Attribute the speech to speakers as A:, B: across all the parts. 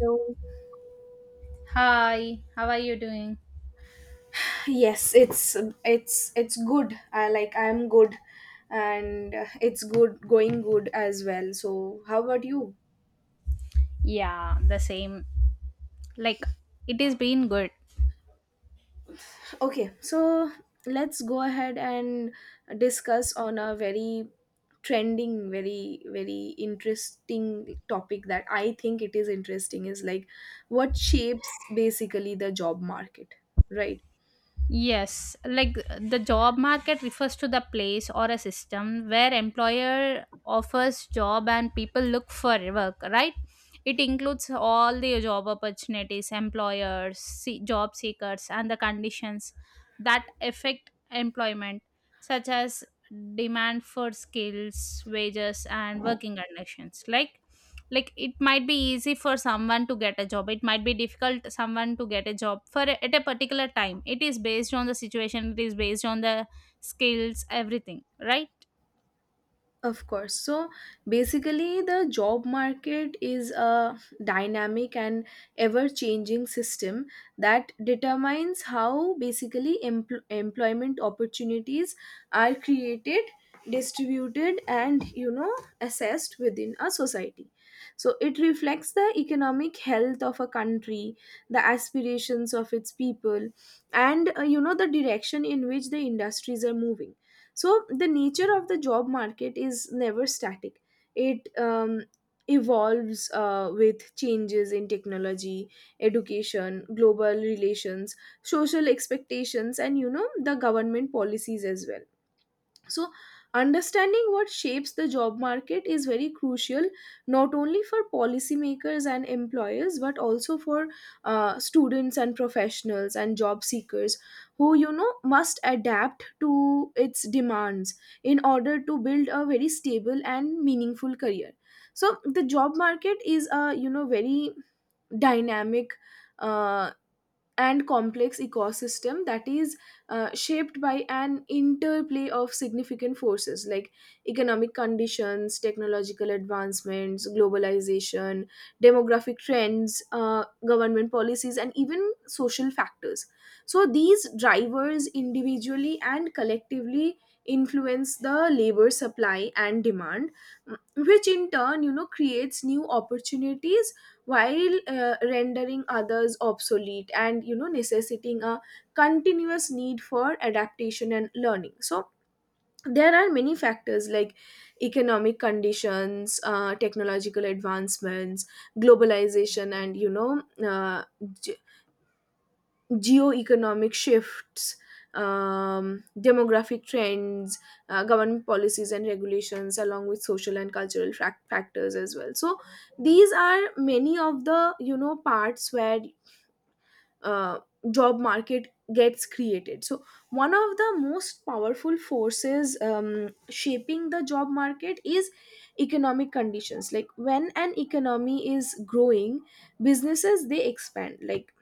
A: So
B: Hi, how are you doing?
A: yes, it's it's good. I'm good, and it's good as well. So how about you?
B: Yeah, the same. Like, it is being good.
A: Okay, so let's go ahead and discuss on a very trending, very interesting topic that I think it is interesting is like what shapes basically the job market, right?
B: Yes, like the job market refers to the place or a system where employer offers job and people look for work, right? It includes all the job opportunities, employers, job seekers, and the conditions that affect employment, such as demand for skills, wages, and working conditions. Like it might be easy for someone to get a job, it might be difficult someone to get a job for at a particular time. It is based on the situation, it is based on the skills, everything, right?
A: Of course. So basically, the job market is a dynamic and ever changing system that determines how basically employment opportunities are created, distributed, and assessed within a society. So it reflects the economic health of a country, the aspirations of its people, and the direction in which the industries are moving. So the nature of the job market is never static. It evolves with changes in technology, education, global relations, social expectations, and the government policies as well. So, understanding what shapes the job market is very crucial, not only for policymakers and employers but also for students and professionals and job seekers who, must adapt to its demands in order to build a very stable and meaningful career. So, the job market is a, very dynamic, Uh, and complex ecosystem that is shaped by an interplay of significant forces like economic conditions, technological advancements, globalization, demographic trends, government policies, and even social factors. So, these drivers individually and collectively influence the labor supply and demand, which in turn creates new opportunities while rendering others obsolete, and necessitating a continuous need for adaptation and learning. So there are many factors like economic conditions, technological advancements, globalization, and Geo-economic shifts, demographic trends, government policies and regulations, along with social and cultural factors as well. So these are many of the parts where uh, job market gets created. So one of the most powerful forces shaping the job market is economic conditions. Like when an economy is growing, businesses they expand. Like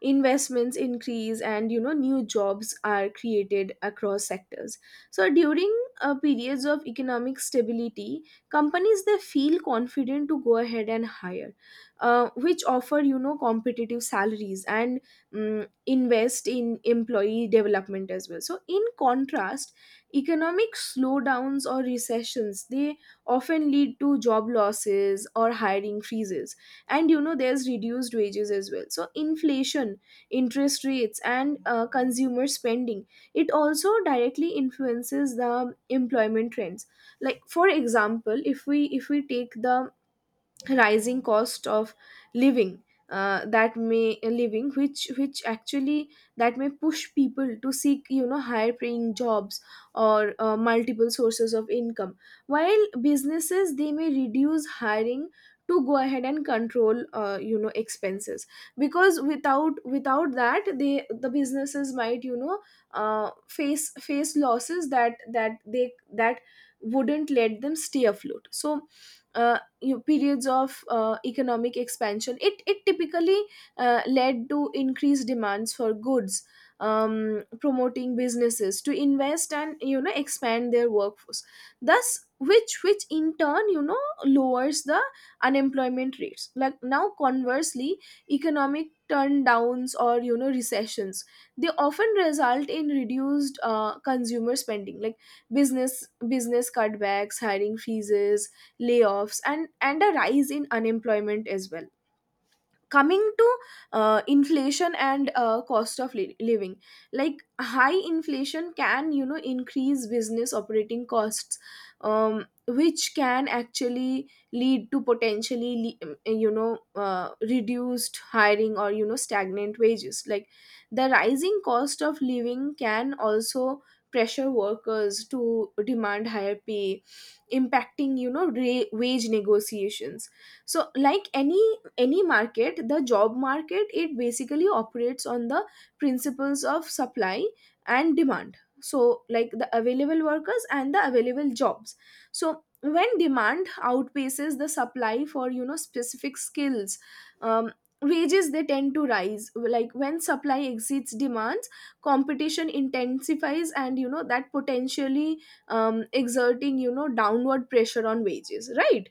A: investments increase, and new jobs are created across sectors. So during periods of economic stability, companies they feel confident to go ahead and hire, which offer competitive salaries and, invest in employee development as well. So in contrast, economic slowdowns or recessions, they often lead to job losses or hiring freezes, and there's reduced wages as well. So inflation, interest rates, and consumer spending, it also directly influences the employment trends. Like for example, if we take the rising cost of living, that may living which actually that may push people to seek higher paying jobs or multiple sources of income, while businesses they may reduce hiring to go ahead and control expenses, because without that they the businesses might face losses that wouldn't let them stay afloat. So uh, periods of economic expansion, it typically led to increased demands for goods, promoting businesses to invest and expand their workforce, thus which in turn lowers the unemployment rates. Like now conversely, economic turndowns or recessions, they often result in reduced consumer spending, like business cutbacks, hiring freezes, layoffs, and a rise in unemployment as well. Coming to inflation and cost of living, like high inflation can increase business operating costs, which can actually lead to potentially reduced hiring or stagnant wages. Like the rising cost of living can also pressure workers to demand higher pay, impacting wage negotiations. So like any market, the job market, it basically operates on the principles of supply and demand, so like the available workers and the available jobs. So when demand outpaces the supply for specific skills, um, wages they tend to rise. Like when supply exceeds demands, competition intensifies, and that potentially exerting downward pressure on wages, right?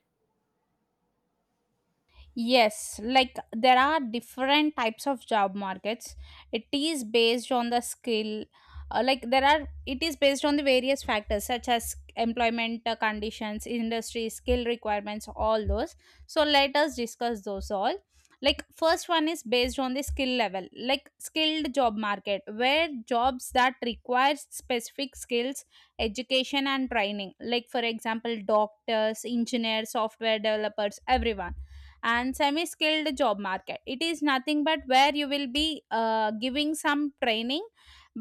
B: Yes, like there are different types of job markets. It is based on the skill, like there are, it is based on the various factors such as employment conditions, industry, skill requirements, all those. So let us discuss those all. Like, first one is based on the skill level, like skilled job market, where jobs that require specific skills, education, and training, like for example, doctors, engineers, software developers, everyone. And semi skilled job market, it is nothing but where you will be giving some training,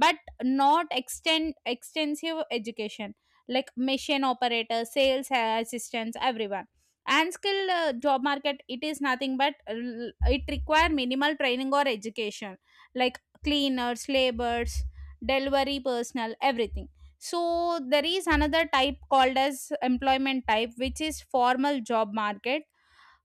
B: but not extend extensive education, like machine operators, sales assistants, everyone. And skilled job market, it is nothing but it require minimal training or education, like cleaners, laborers, delivery personnel, everything. So there is another type called as employment type, which is formal job market,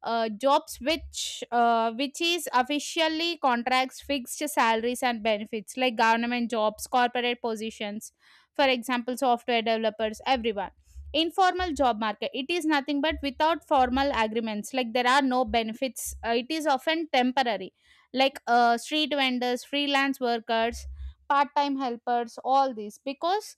B: jobs which is officially contracts, fixed salaries and benefits, like government jobs, corporate positions, for example software developers, everyone. Informal job market, it is nothing but without formal agreements, like there are no benefits, it is often temporary, like street vendors, freelance workers, part time helpers, all these, because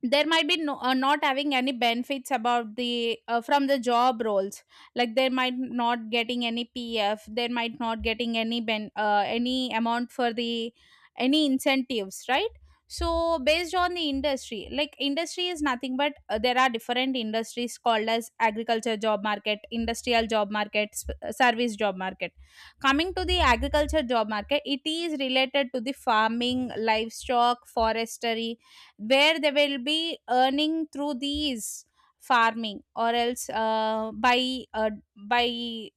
B: there might be no, not having any benefits about the from the job roles. Like they might not getting any PF, they might not getting any ben any amount for the any incentives, right? So based on the industry, like industry is nothing but there are different industries called as agriculture job market, industrial job market, service job market. Coming to the agriculture job market, it is related to the farming, livestock, forestry, where they will be earning through these farming or else by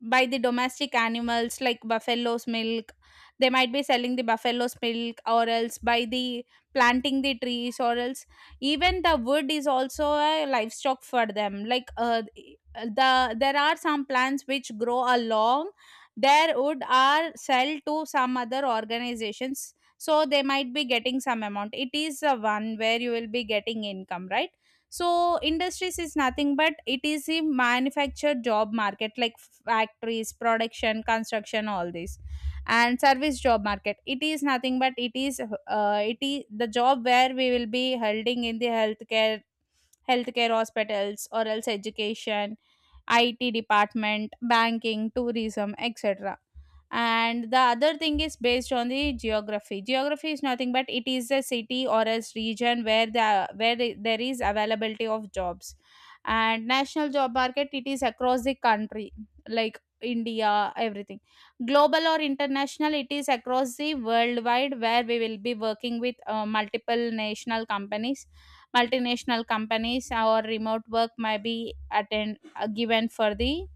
B: by the domestic animals, like buffalo's milk. They might be selling the buffalo's milk or else by the planting the trees, or else even the wood is also a livestock for them. Like there are some plants which grow along, their wood are sell to some other organizations, so they might be getting some amount. It is the one where you will be getting income, right? So industries is nothing but it is a manufactured job market, like factories, production, construction, all this. And service job market, it is nothing but it is the job where we will be holding in the healthcare, hospitals, or else education, IT department, banking, tourism, etc. And the other thing is based on the geography. Geography is nothing but it is a city or a region where there is availability of jobs. And national job market, it is across the country, like India, everything. Global or international, it is across the worldwide, where we will be working with multiple national companies multinational companies, or remote work may be attend given for the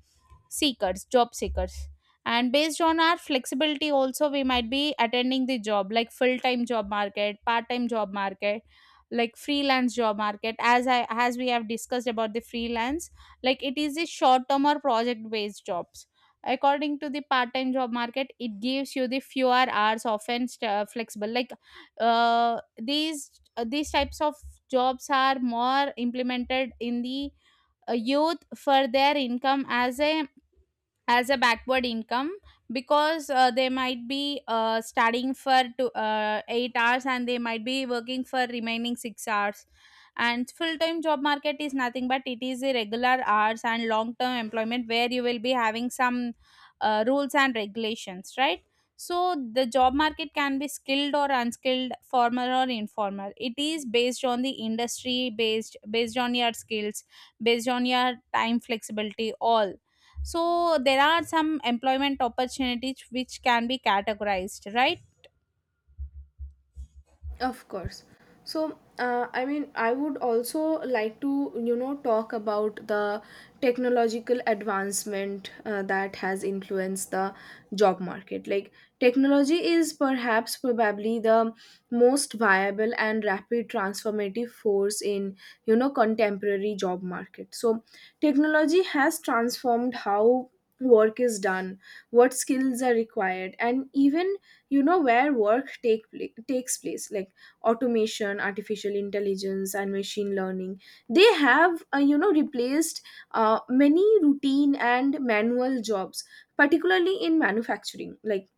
B: seekers job seekers. And based on our flexibility also, we might be attending the job, like full time job market, part time job market, like freelance job market. As I as we have discussed about the freelance, like it is a short term or project based jobs. According to the part time job market, it gives you the fewer hours, often flexible. Like these types of jobs are more implemented in the youth for their income, as a backward income, because they might be studying for 8 hours, and they might be working for remaining 6 hours. And full time job market is nothing but it is irregular hours and long term employment, where you will be having some rules and regulations, right? So the job market can be skilled or unskilled, formal or informal. It is based on the industry, based on your skills, based on your time flexibility, all. So there are some employment opportunities which can be categorized, right?
A: Of course. So, I mean, I would also like to, talk about the technological advancement that has influenced the job market. Like, technology is perhaps probably the most viable and rapid transformative force in, contemporary job market. So, technology has transformed how work is done, what skills are required, and even, where work takes place. Like automation, artificial intelligence, and machine learning, they have replaced many routine and manual jobs, particularly in manufacturing, like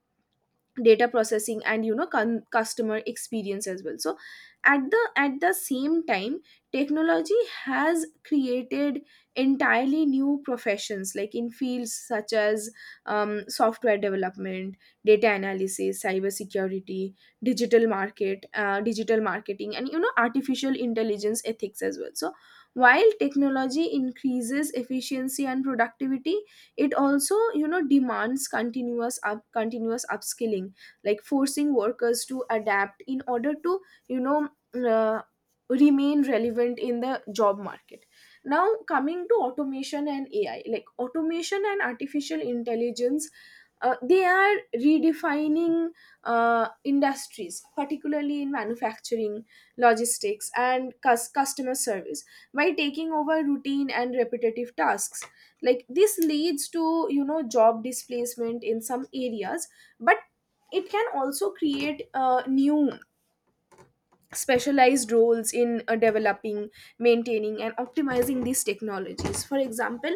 A: data processing and customer experience as well. So at the same time, technology has created entirely new professions, like in fields such as software development, data analysis, cyber security, digital marketing, and artificial intelligence ethics as well. So while technology increases efficiency and productivity, it also demands continuous upskilling, like forcing workers to adapt in order to you know uh, remain relevant in the job market. Now coming to automation and AI, like automation and artificial intelligence, they are redefining industries, particularly in manufacturing, logistics, and customer service, by taking over routine and repetitive tasks. Like this leads to job displacement in some areas, but it can also create new specialized roles in developing, maintaining, and optimizing these technologies. For example,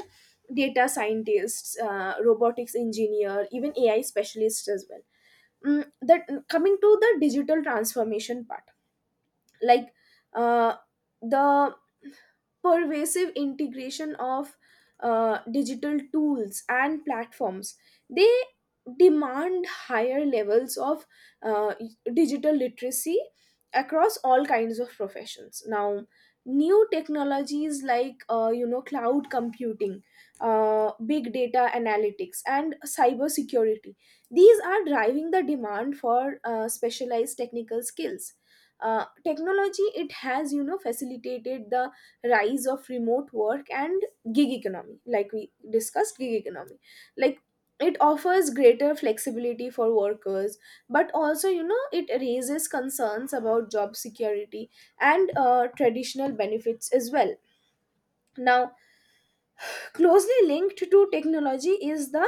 A: data scientists, robotics engineer, even AI specialists as well. Mm, that Coming to the digital transformation part, like uh, the pervasive integration of digital tools and platforms, they demand higher levels of uh, digital literacy across all kinds of professions. Now new technologies like cloud computing, big data analytics, and cyber security, these are driving the demand for specialized technical skills. Technology, it has facilitated the rise of remote work and gig economy, like we discussed gig economy. Like it offers greater flexibility for workers, but also it raises concerns about job security and traditional benefits as well. Now closely linked to technology is the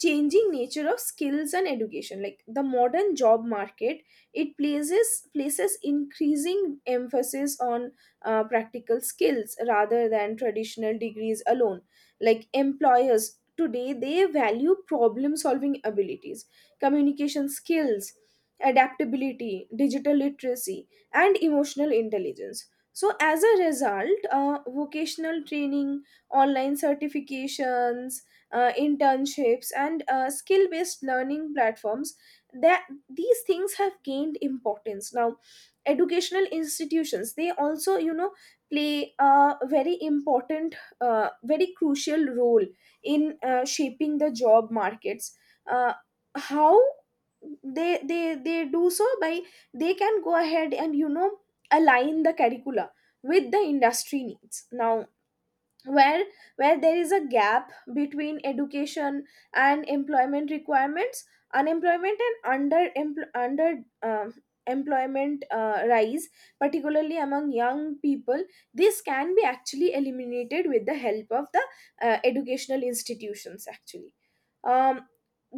A: changing nature of skills and education. Like the modern job market, it places increasing emphasis on practical skills rather than traditional degrees alone. Like employers today, they value problem solving abilities, communication skills, adaptability, digital literacy, and emotional intelligence. So as a result, vocational training, online certifications, internships, and skill based learning platforms, that these things have gained importance. Now, educational institutions, they also play a very important, very crucial role in shaping the job markets. Uh, how they do so by, they can go ahead and align the curricula with the industry needs. Now where there is a gap between education and employment requirements, unemployment and under employment rise, particularly among young people. This can be actually eliminated with the help of the educational institutions actually. um,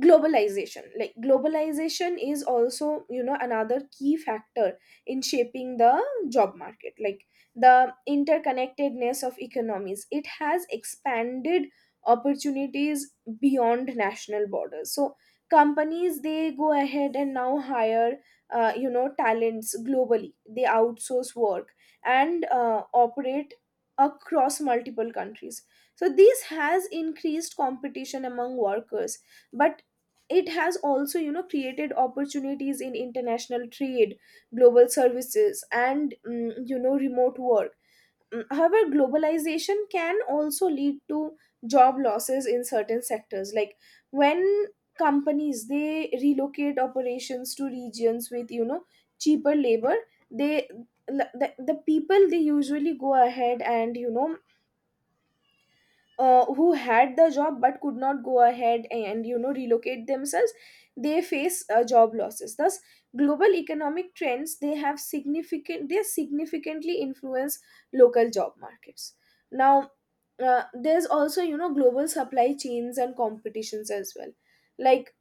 A: Globalization, like globalization is also another key factor in shaping the job market. Like the interconnectedness of economies, it has expanded opportunities beyond national borders. So companies they go ahead and now hire talents globally. They outsource work and operate across multiple countries. So this has increased competition among workers, but it has also created opportunities in international trade, global services, and remote work. However, globalization can also lead to job losses in certain sectors, like when companies they relocate operations to regions with cheaper labor. they the people they usually go ahead and who had the job but could not go ahead and relocate themselves, they face job losses. Thus global economic trends, they significantly influence local job markets. Now there's also global supply chains and competitions as well. Like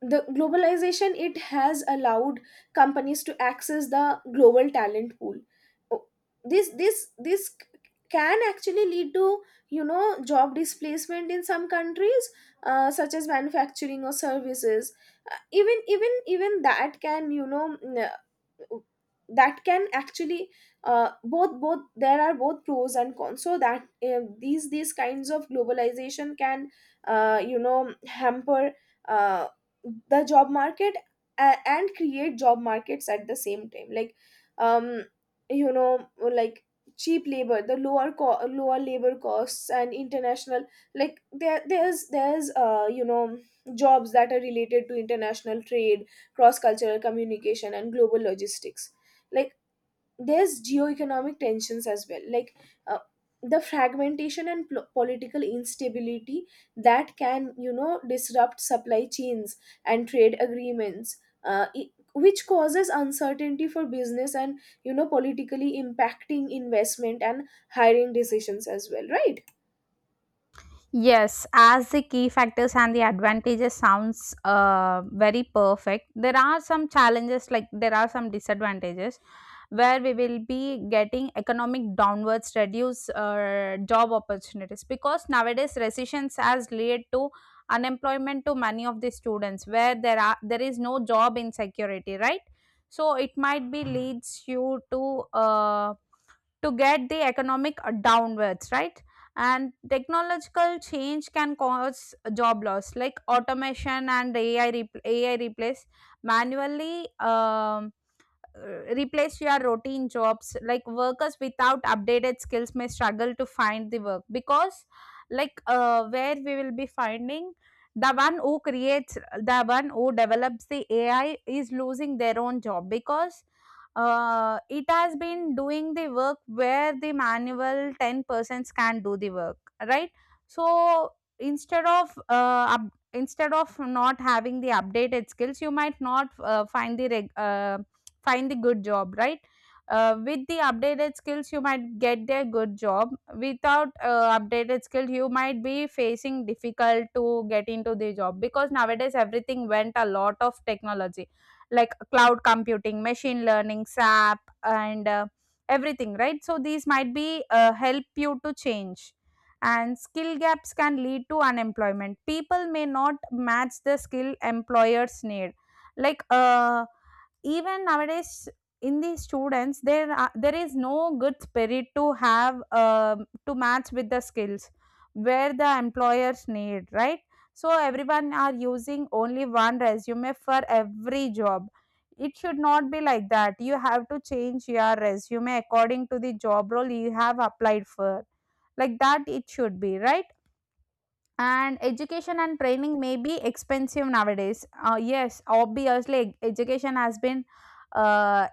A: the globalization, it has allowed companies to access the global talent pool. O- this this this c- can actually lead to job displacement in some countries, such as manufacturing or services. Even that can that can actually both there are both pros and cons. So that these kinds of globalization can hamper uh, the job market and create job markets at the same time. Like um you know like cheap labor, the lower labor costs and international, like there there's you know jobs that are related to international trade, cross cultural communication, and global logistics. Like there's geo-economic tensions as well, like uh, the fragmentation and political instability, that can disrupt supply chains and trade agreements, which causes uncertainty for business, and politically impacting investment and hiring decisions as well, right.
B: Yes, as the key factors and the advantages sounds very perfect. There are some challenges, like there are some disadvantages, where we will be getting economic downwards, reduce job opportunities, because nowadays recessions has led to unemployment to many of the students, where there is no job insecurity, right? So it might be leads you to get the economic downwards, right? And technological change can cause job loss, like automation and AI AI replace manually, um, replace your routine jobs, like workers without updated skills may struggle to find the work. Because like where we will be finding the one who develops the AI is losing their own job, because it has been doing the work where the manual 10 persons can do the work, right? So instead of uh, up, instead of not having the updated skills, you might not find the good job, right? With the updated skills you might get a good job. Without updated skill you might be facing difficult to get into the job, because nowadays everything went a lot of technology, like cloud computing, machine learning, SAP, and everything, right? So these might be help you to change. And skill gaps can lead to unemployment, people may not match the skill employers need. Like even nowadays in the students there is no good spirit to have to match with the skills where the employers need, right? So everyone are using only one resume for every job. It should not be like that, you have to change your resume according to the job role you have applied for. Like that it should be, right? And education and training may be expensive nowadays. Yes, obviously, education has been uh,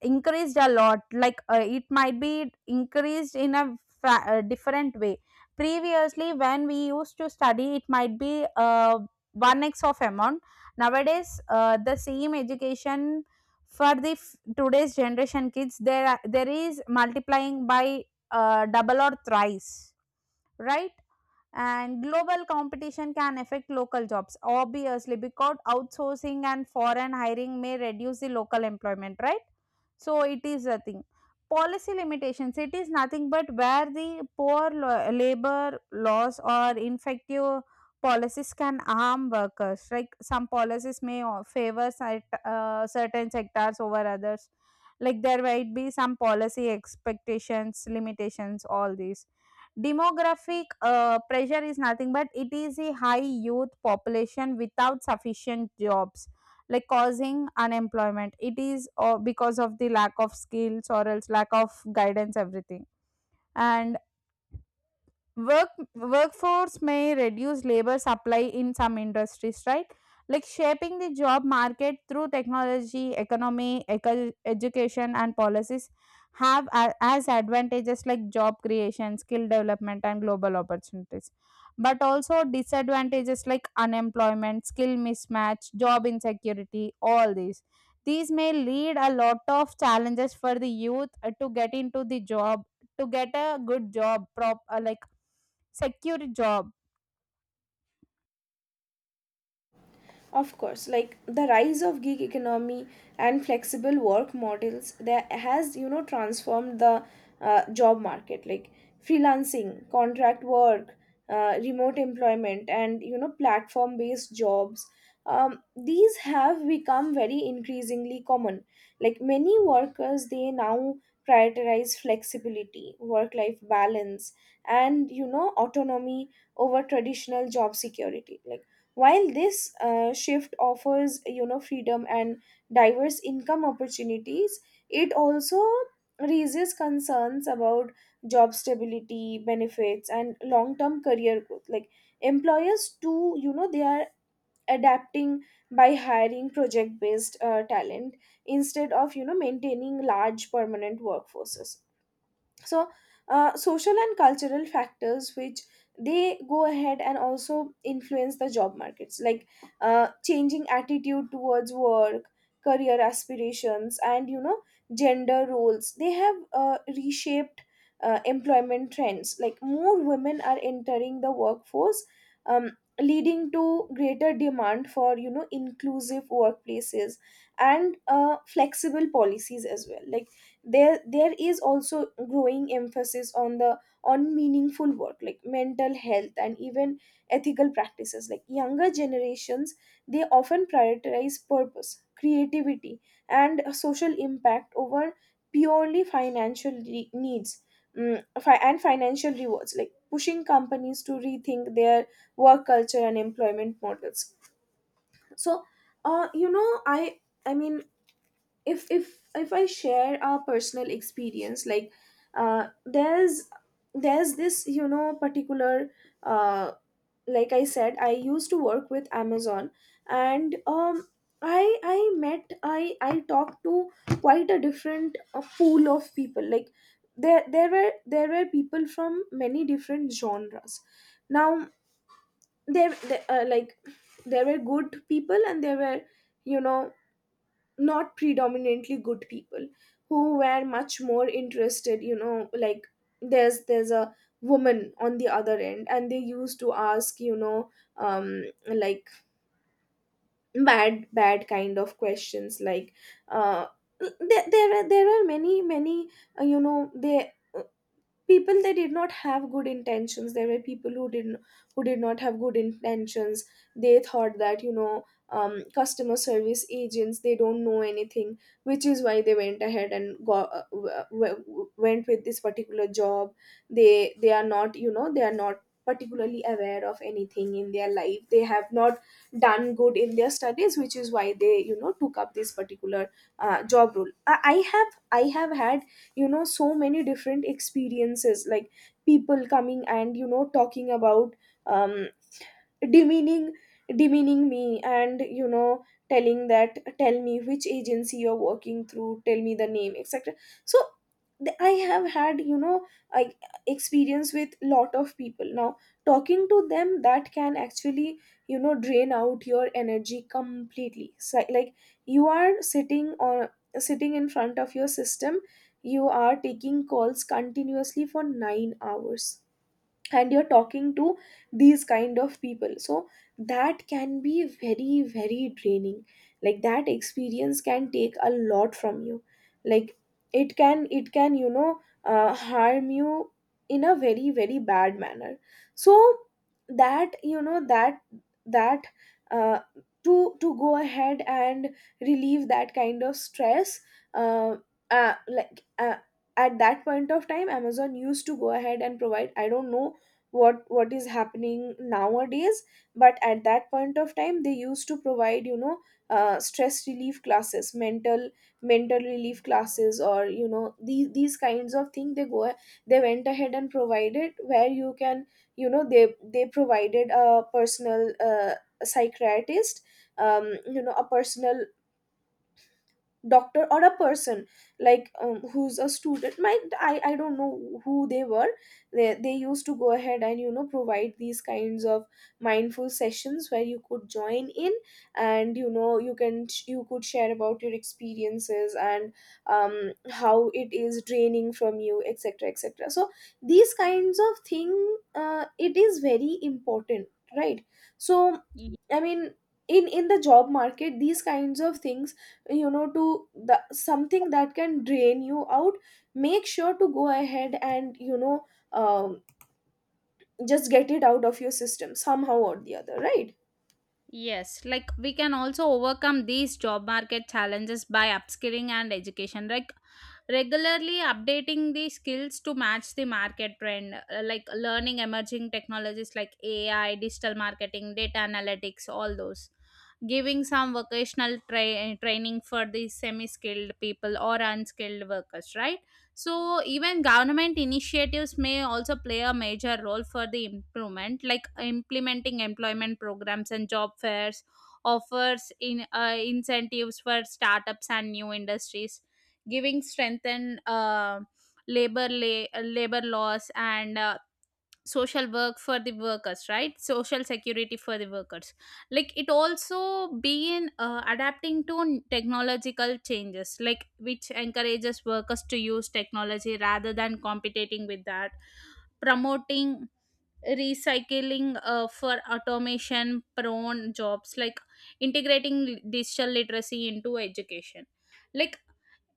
B: increased a lot. Like it might be increased in a different way. Previously, when we used to study, it might be 1x of amount. Nowadays, the same education for the today's generation kids, there is multiplying by double or thrice, right? And global competition can affect local jobs, obviously, because outsourcing and foreign hiring may reduce the local employment, right? So it is a thing. Policy limitations, it is nothing but where the poor labor laws or ineffective policies can harm workers. Like some policies may favor certain sectors over others. Like there might be some policy expectations, limitations, all these. Demographic pressure is nothing but it is a high youth population without sufficient jobs, like causing unemployment. It is because of the lack of skills or else lack of guidance, everything. And work workforce may reduce labor supply in some industries, right? Like shaping the job market through technology, economy, education and policies have as advantages like job creation, skill development, and global opportunities, but also disadvantages like unemployment, skill mismatch, job insecurity, all these. These may lead a lot of challenges for the youth to get into the job, to get a good job, prop like secure job.
A: Of course, like the rise of gig economy and flexible work models that has you know transformed the job market like freelancing, contract work, remote employment and you know platform based jobs. These have become very increasingly common. Like many workers they now prioritize flexibility, work life balance and you know autonomy over traditional job security. Like while this shift offers you know freedom and diverse income opportunities, it also raises concerns about job stability, benefits, and long-term career growth. Like employers too, you know, they are adapting by hiring project-based talent instead of you know maintaining large permanent workforces. So social and cultural factors which they go ahead and also influence the job markets, like changing attitude towards work, career aspirations and you know gender roles they have reshaped employment trends. Like more women are entering the workforce, leading to greater demand for you know inclusive workplaces and flexible policies as well. Like there is also growing emphasis on the on meaningful work like mental health and even ethical practices. Like younger generations, they often prioritize purpose, creativity and social impact over purely financial needs, and financial rewards, like pushing companies to rethink their work culture and employment models. So you know I mean if if if I share a personal experience, like uh there's there's this you know particular uh like I said, I used to work with Amazon. And I met I talked to quite a different pool of people. Like there were people from many different genres. Now there there were good people and there were, you know, not predominantly good people, who were much more interested, you know, like there's a woman on the other end and they used to ask, you know, like bad kind of questions, like uh there are many many you know they people they did not have good intentions. There were people who didn't, who did not have good intentions. They thought that you know customer service agents they don't know anything, which is why they went ahead and got went with this particular job. They are not, you know, they are not particularly aware of anything in their life. They have not done good in their studies, which is why they you know took up this particular job role. I have had, you know, so many different experiences, like people coming and you know talking about, um demeaning, demeaning me and you know telling that, tell me which agency you're working through, tell me the name, etc. So I have had, you know, I experience with lot of people now, talking to them that can actually you know drain out your energy completely. So like you are sitting or sitting in front of your system, you are taking calls continuously for 9 hours and you're talking to these kind of people. So that can be very very draining. Like that experience can take a lot from you. Like it can you know harm you in a very very bad manner. So that you know that that uh, to go ahead and relieve that kind of stress. uh, uh, like uh, at that point of time Amazon used to go ahead and provide, I don't know what is happening nowadays, but at that point of time they used to provide you know stress relief classes, mental relief classes or you know these kinds of thing they go they went ahead and provided, where you can you know they provided a personal psychiatrist, you know a personal doctor or a person, like who's a student, my I don't know who they were. They used to go ahead and you know provide these kinds of mindful sessions where you could join in and you know you can you could share about your experiences and, how it is draining from you, etc, etc. So these kinds of thing it is very important, right. So
B: Ye-
A: I mean in the job market these kinds of things, you know to the something that can drain you out, make sure to go ahead and you know, um, just get it out of your system somehow or the other, right.
B: Yes, like we can also overcome these job market challenges by upskilling and education. Like regularly updating the skills to match the market trend, like learning emerging technologies like AI, digital marketing, data analytics, all those. Giving some vocational training for the semi skilled people or unskilled workers, right? So even government initiatives may also play a major role for the improvement, like implementing employment programs and job fairs, offers in incentives for startups and new industries, giving strengthened labor laws and social work for the workers, right? Social security for the workers. Like it also been adapting to technological changes, like which encourages workers to use technology rather than competing with that, promoting recycling for automation prone jobs, like integrating digital literacy into education, like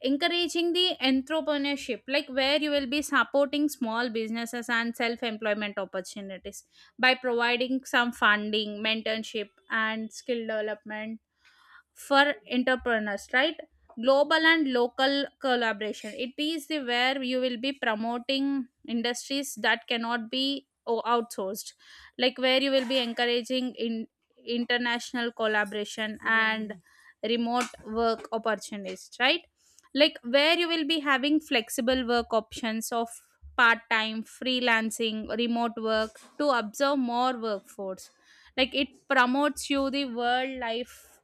B: encouraging the entrepreneurship, like where you will be supporting small businesses and self employment opportunities by providing some funding, mentorship, and skill development for entrepreneurs, right? Global and local collaboration, it is the where you will be promoting industries that cannot be outsourced, like where you will be encouraging in international collaboration and remote work opportunities, right? Like where you will be having flexible work options of part time, freelancing, remote work to observe more workforce. Like it promotes you the world life,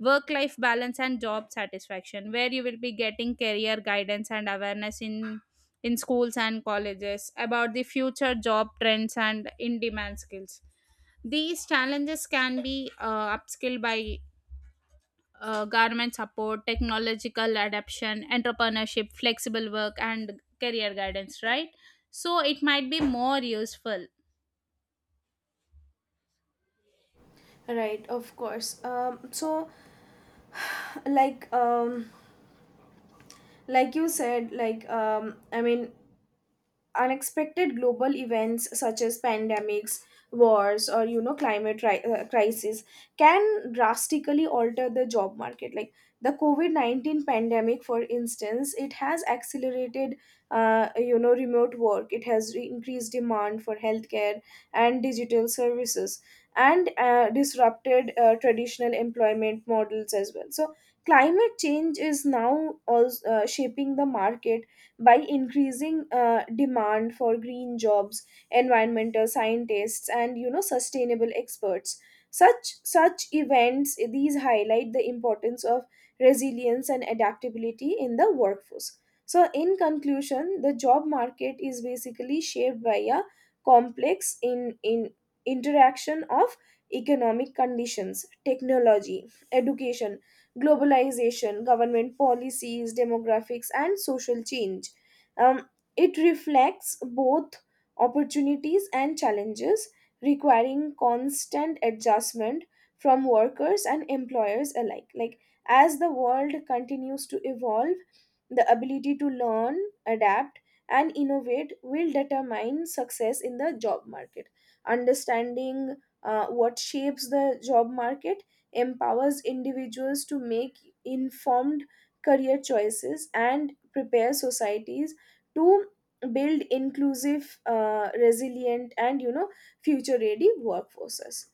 B: work life balance, and job satisfaction, where you will be getting career guidance and awareness in schools and colleges about the future job trends and in demand skills. These challenges can be upskilled by government support, technological adoption, entrepreneurship, flexible work, and career guidance, right? So it might be more useful.
A: Right, of course. So like um like you said, like I mean, unexpected global events such as pandemics, wars or you know climate crisis can drastically alter the job market. Like the covid-19 pandemic, for instance, it has accelerated you know remote work, it has increased demand for healthcare and digital services, and disrupted traditional employment models as well. So climate change is now also shaping the market by increasing demand for green jobs, environmental scientists and you know sustainable experts. Such events, these highlight the importance of resilience and adaptability in the workforce. So in conclusion, the job market is basically shaped by a complex in interaction of economic conditions, technology, education, globalization, government policies, demographics and social change. um, it reflects both opportunities and challenges, requiring constant adjustment from workers and employers alike. Like as the world continues to evolve, the ability to learn, adapt, and innovate will determine success in the job market. Understanding what shapes the job market empowers individuals to make informed career choices and prepare societies to build inclusive, resilient and you know future ready workforces.